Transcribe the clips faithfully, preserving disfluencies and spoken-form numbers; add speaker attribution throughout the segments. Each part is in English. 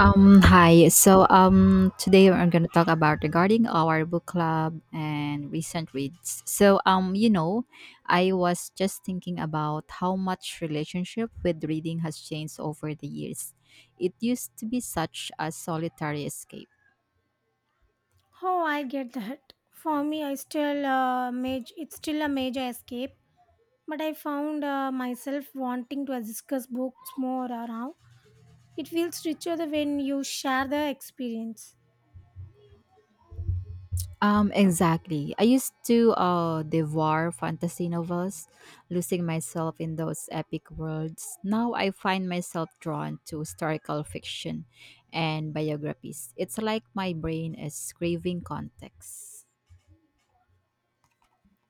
Speaker 1: Um, hi. So, um, today we're going to talk about regarding our book club and recent reads. So, um, you know, I was just thinking about how much relationship with reading has changed over the years. It used to be such a solitary escape.
Speaker 2: Oh, I get that. For me, I still uh, maj- it's still a major escape, but I found uh, myself wanting to discuss books more or now. It feels richer the when you share the experience.
Speaker 1: Um, exactly. I used to uh, devour fantasy novels, losing myself in those epic worlds. Now I find myself drawn to historical fiction and biographies. It's like my brain is craving context.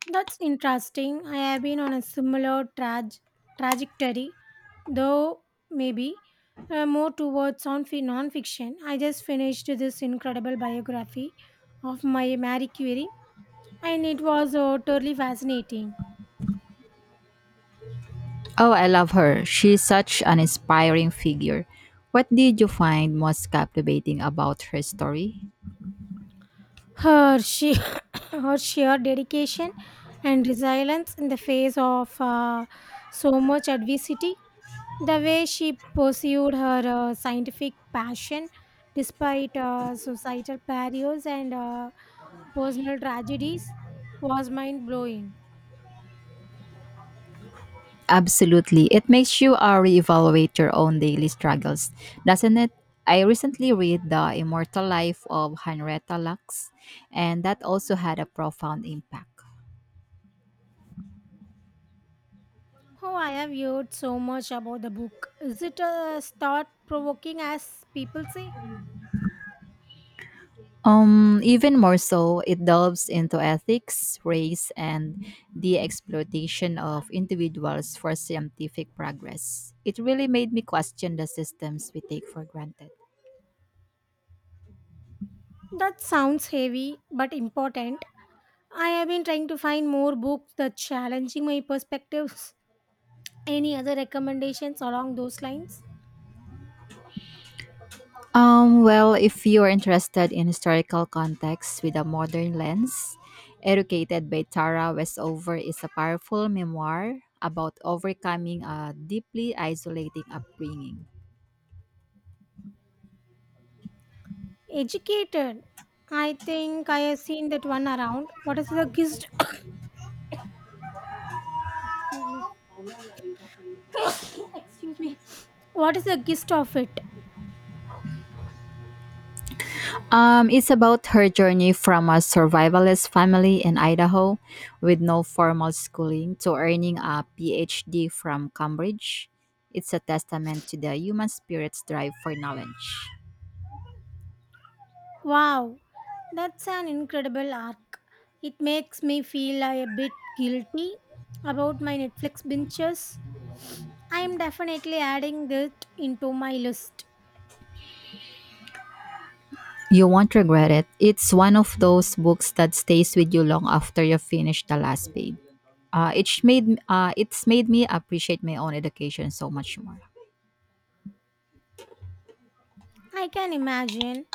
Speaker 2: That's interesting. I have been on a similar traj- trajectory, though maybe uh, more towards on fi- non-fiction. I just finished this incredible biography of my Marie Curie, and it was uh, totally fascinating.
Speaker 1: Oh, I love her. She's such an inspiring figure. What did you find most captivating about her story?
Speaker 2: Her she. her sheer dedication and resilience in the face of uh, so much adversity. The way she pursued her uh, scientific passion despite uh, societal barriers and uh, personal tragedies was mind blowing.
Speaker 1: Absolutely. It makes you uh, reevaluate your own daily struggles, doesn't it? I recently read The Immortal Life of Henrietta Lacks, and that also had a profound impact.
Speaker 2: Oh, I have heard so much about the book. Is it uh, thought provoking as people say?
Speaker 1: Um, even more so, it delves into ethics, race, and the exploitation of individuals for scientific progress. It really made me question the systems we take for granted.
Speaker 2: That sounds heavy but important. I have been trying to find more books that challenging my perspectives. Any other recommendations along those lines?
Speaker 1: Um, well, if you are interested in historical context with a modern lens, Educated by Tara Westover is a powerful memoir about overcoming a deeply isolating upbringing.
Speaker 2: Educated. I think I have seen that one around. What is the gist? Excuse me. Excuse me. What is the gist of it?
Speaker 1: Um, it's about her journey from a survivalist family in Idaho with no formal schooling to earning a PhD from Cambridge. It's a testament to the human spirit's drive for knowledge.
Speaker 2: Wow, that's an incredible arc. It makes me feel a bit guilty about my Netflix binges. I am definitely adding that into my list.
Speaker 1: You won't regret it. It's one of those books that stays with you long after you finish the last page. Uh, it's made uh, it's made me appreciate my own education so much more.
Speaker 2: I can imagine.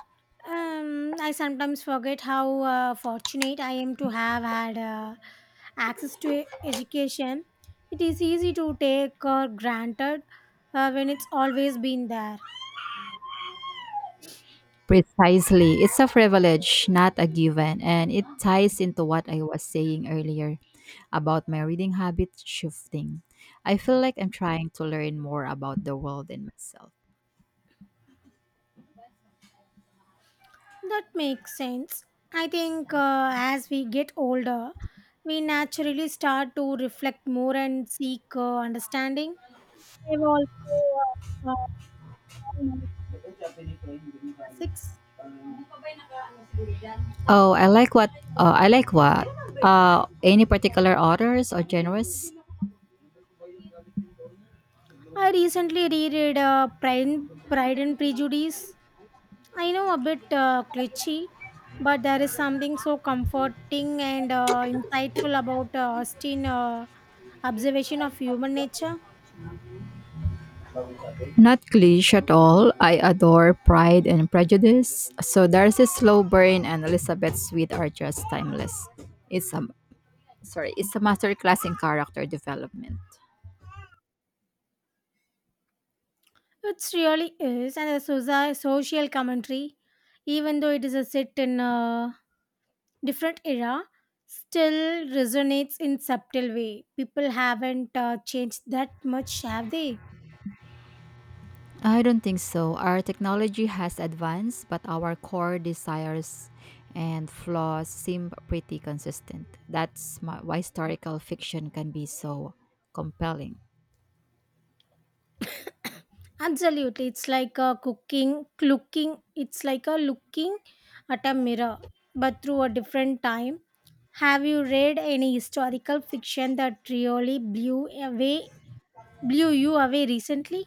Speaker 2: Um, I sometimes forget how uh, fortunate I am to have had uh, access to e- education. It is easy to take or granted uh, when it's always been there.
Speaker 1: Precisely, it's a privilege, not a given, and it ties into what I was saying earlier about my reading habit shifting. I feel like I'm trying to learn more about the world and myself.
Speaker 2: That makes sense. I think uh, as we get older, we naturally start to reflect more and seek uh, understanding. I've also uh, uh, found many classics.
Speaker 1: Oh, I like what uh, I like what uh, any particular authors or genres?
Speaker 2: I recently reread uh, Pride, and- Pride and Prejudice. I know a bit uh, glitchy, but there is something so comforting and uh, insightful about uh, Austin's uh, observation of human nature.
Speaker 1: Not cliche at all. I adore Pride and Prejudice. So Darcy Slowburn and Elizabeth Sweet are just timeless. It's a sorry, it's a masterclass in character development.
Speaker 2: It really is, and a soci- social commentary, even though it is a set in a different era, still resonates in subtle way. People haven't uh, changed that much, have they?
Speaker 1: I don't think so. Our technology has advanced, but our core desires and flaws seem pretty consistent. That's my, why historical fiction can be so compelling.
Speaker 2: Absolutely, it's like a cooking, looking. It's like a looking at a mirror, but through a different time. Have you read any historical fiction that really blew away blew you away recently?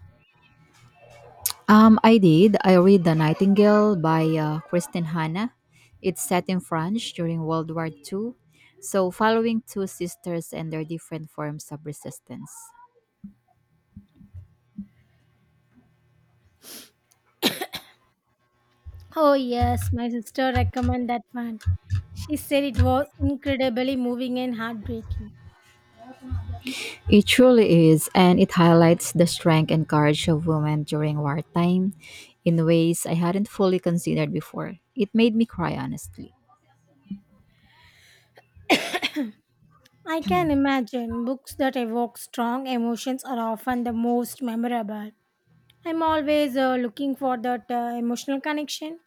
Speaker 1: Um, I did. I read The Nightingale by uh, Kristin Hanna. It's set in France during World War two, so following two sisters and their different forms of resistance.
Speaker 2: Oh yes, my sister recommended that one. She said it was incredibly moving and heartbreaking.
Speaker 1: It truly is, and it highlights the strength and courage of women during wartime in ways I hadn't fully considered before. It made me cry, honestly.
Speaker 2: I can imagine books that evoke strong emotions are often the most memorable. I'm always uh, looking for that uh, emotional connection.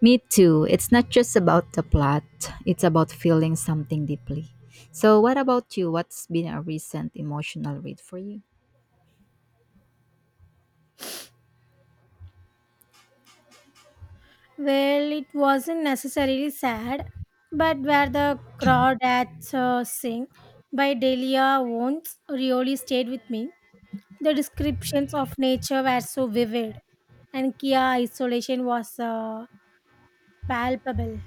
Speaker 1: Me too. It's not just about the plot, it's about feeling something deeply. So, what about you? What's been a recent emotional read for you?
Speaker 2: Well, it wasn't necessarily sad, but where the crawdads uh, sing by Delia Owens really stayed with me. The descriptions of nature were so vivid, and Kia isolation was uh, palpable.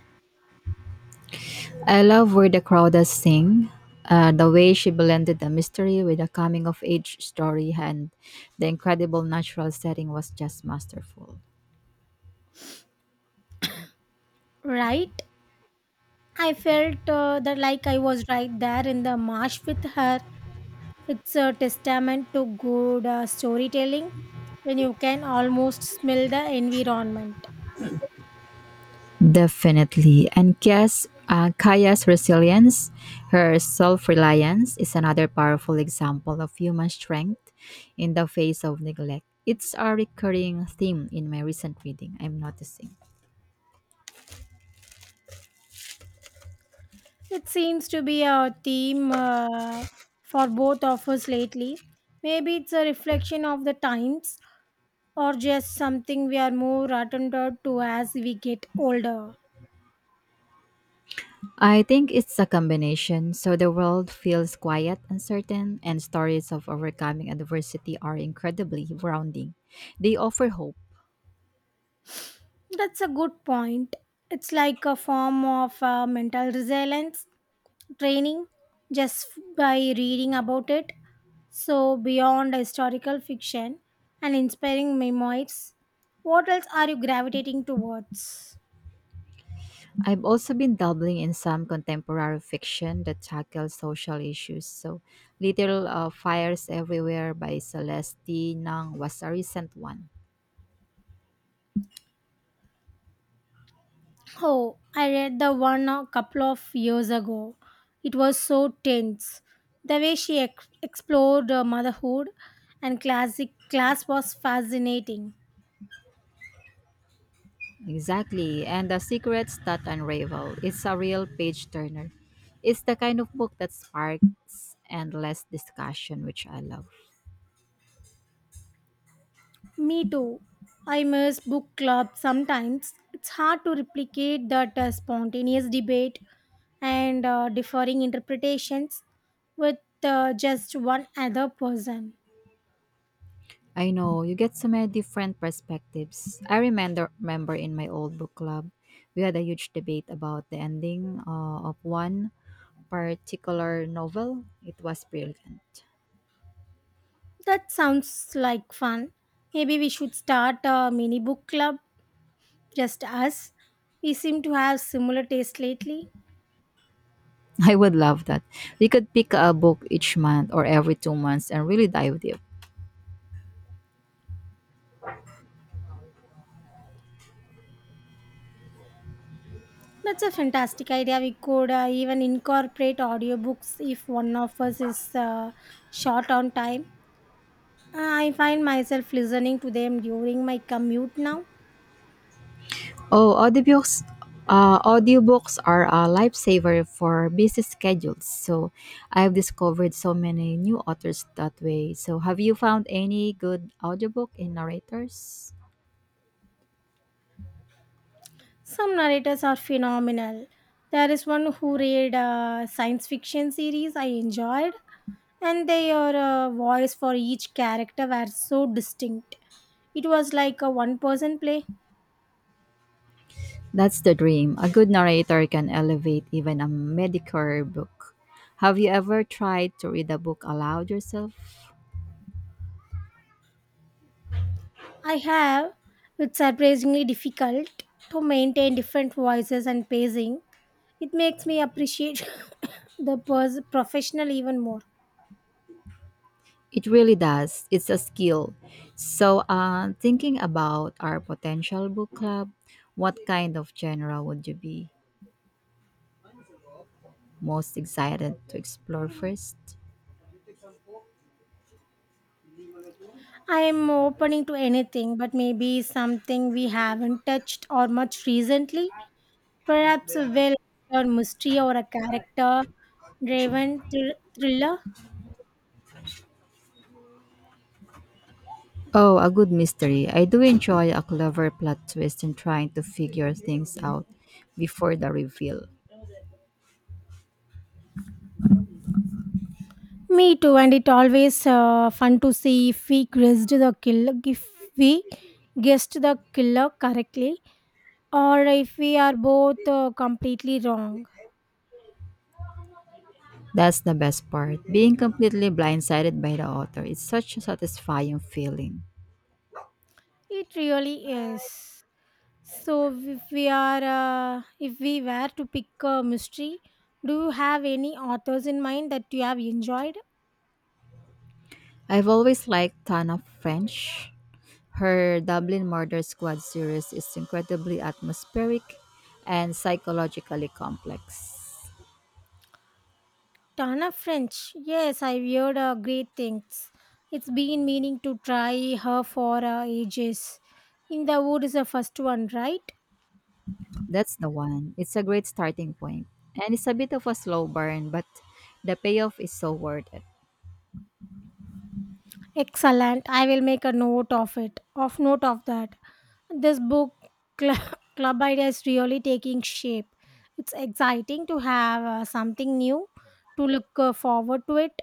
Speaker 1: I love where the Crowdas sing. Uh, the way she blended the mystery with a coming of age story and the incredible natural setting was just masterful.
Speaker 2: Right? I felt uh, that like I was right there in the marsh with her. It's a testament to good uh, storytelling when you can almost smell the environment.
Speaker 1: Definitely. And Kia's, uh, Kaya's resilience, her self reliance, is another powerful example of human strength in the face of neglect. It's a recurring theme in my recent reading, I'm noticing.
Speaker 2: It seems to be a theme uh, for both of us lately. Maybe it's a reflection of the times or just something we are more attentive to as we get older.
Speaker 1: I think it's a combination. So the world feels quiet, uncertain, and stories of overcoming adversity are incredibly grounding. They offer hope.
Speaker 2: That's a good point. It's like a form of uh, mental resilience training just by reading about it. So, beyond historical fiction and inspiring memoirs, what else are you gravitating towards?
Speaker 1: I've also been dabbling in some contemporary fiction that tackles social issues. So, Little uh, Fires Everywhere by Celeste Nang was a recent one.
Speaker 2: Oh, I read the one a couple of years ago. It was so tense. The way she ex- explored uh, motherhood and classic class was fascinating.
Speaker 1: Exactly. And The Secrets That Unravel. It's a real page turner. It's the kind of book that sparks endless discussion, which I love.
Speaker 2: Me too. I miss book club sometimes. It's hard to replicate that uh, spontaneous debate and uh, differing interpretations with uh, just one other person.
Speaker 1: I know you get so many different perspectives. I remember remember in my old book club, we had a huge debate about the ending uh, of one particular novel. It was brilliant.
Speaker 2: That sounds like fun. Maybe we should start a mini book club. Just us. We seem to have similar taste lately.
Speaker 1: I would love that. We could pick a book each month or every two months and really dive deep.
Speaker 2: That's a fantastic idea. We could uh, even incorporate audiobooks if one of us is uh, short on time. Uh, I find myself listening to them during my commute now.
Speaker 1: Oh, audiobooks. Uh, audiobooks are a lifesaver for busy schedules. So I've discovered so many new authors that way. So have you found any good audiobook in narrators?
Speaker 2: Some narrators are phenomenal. There is one who read a science fiction series I enjoyed, and their uh, voice for each character were so distinct. It was like a one person play.
Speaker 1: That's the dream. A good narrator can elevate even a mediocre book. Have you ever tried to read a book aloud yourself?
Speaker 2: I have. It's surprisingly difficult to maintain different voices and pacing. It makes me appreciate the pers- professional even more.
Speaker 1: It really does. It's a skill. So, uh, thinking about our potential book club, what kind of genre would you be most excited to explore first?
Speaker 2: I am opening to anything, but maybe something we haven't touched or much recently. Perhaps a well or mystery or a character driven thr- thriller.
Speaker 1: Oh, a good mystery. I do enjoy a clever plot twist and trying to figure things out before the reveal.
Speaker 2: Me too, and it always uh, fun to see if we guessed the killer if we guessed the killer correctly, or if we are both uh, completely wrong.
Speaker 1: That's the best part. Being completely blindsided by the author. It's such a satisfying feeling.
Speaker 2: It really is. So if we are uh, if we were to pick a mystery, do you have any authors in mind that you have enjoyed?
Speaker 1: I've always liked Tana French. Her Dublin Murder Squad series is incredibly atmospheric and psychologically complex.
Speaker 2: Tana French, yes. I've heard uh, great things. It's been meaning to try her for uh, ages. In the Wood is the first one, right?
Speaker 1: That's the one. It's a great starting point, and it's a bit of a slow burn, but the payoff is so worth it.
Speaker 2: Excellent, I will make a note of it of note of that. This book club, club idea is really taking shape. It's exciting to have uh, something new to look uh, forward to it.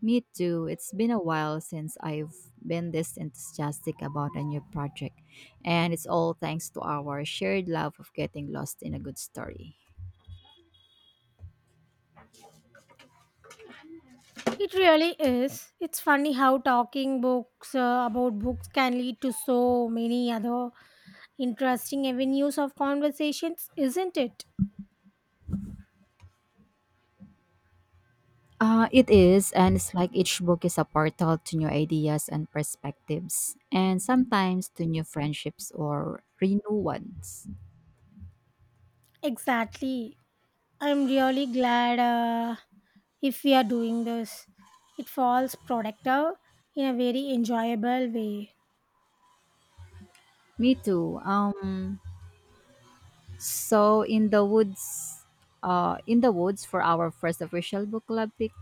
Speaker 1: Me too. It's been a while since I've been this enthusiastic about a new project, and it's all thanks to our shared love of getting lost in a good story.
Speaker 2: It really is. It's funny how talking books uh, about books can lead to so many other interesting avenues of conversations, isn't it?
Speaker 1: Uh, it is, and it's like each book is a portal to new ideas and perspectives, and sometimes to new friendships or renew ones.
Speaker 2: Exactly. I'm really glad uh, if we are doing this. It falls productive in a very enjoyable way.
Speaker 1: Me too. Um, so in the woods, uh, in the woods for our first official book club pick.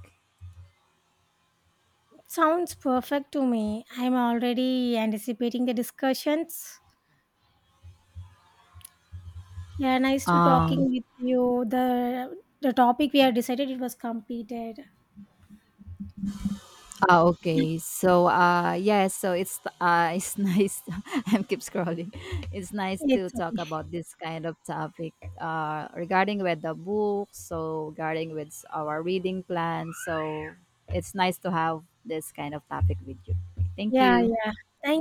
Speaker 2: Sounds perfect to me. I'm already anticipating the discussions. Yeah, nice to
Speaker 1: Um,
Speaker 2: talking with you. The the topic we have decided it was completed.
Speaker 1: Ah, okay. So, uh, yes. So it's uh, it's nice. I keep scrolling. It's nice to
Speaker 2: It's
Speaker 1: talk
Speaker 2: okay.
Speaker 1: about this kind of topic, uh, regarding with the book. So regarding with our reading plan. So it's nice to have this kind of topic with you. Thank
Speaker 2: Yeah,
Speaker 1: you.
Speaker 2: yeah. Thank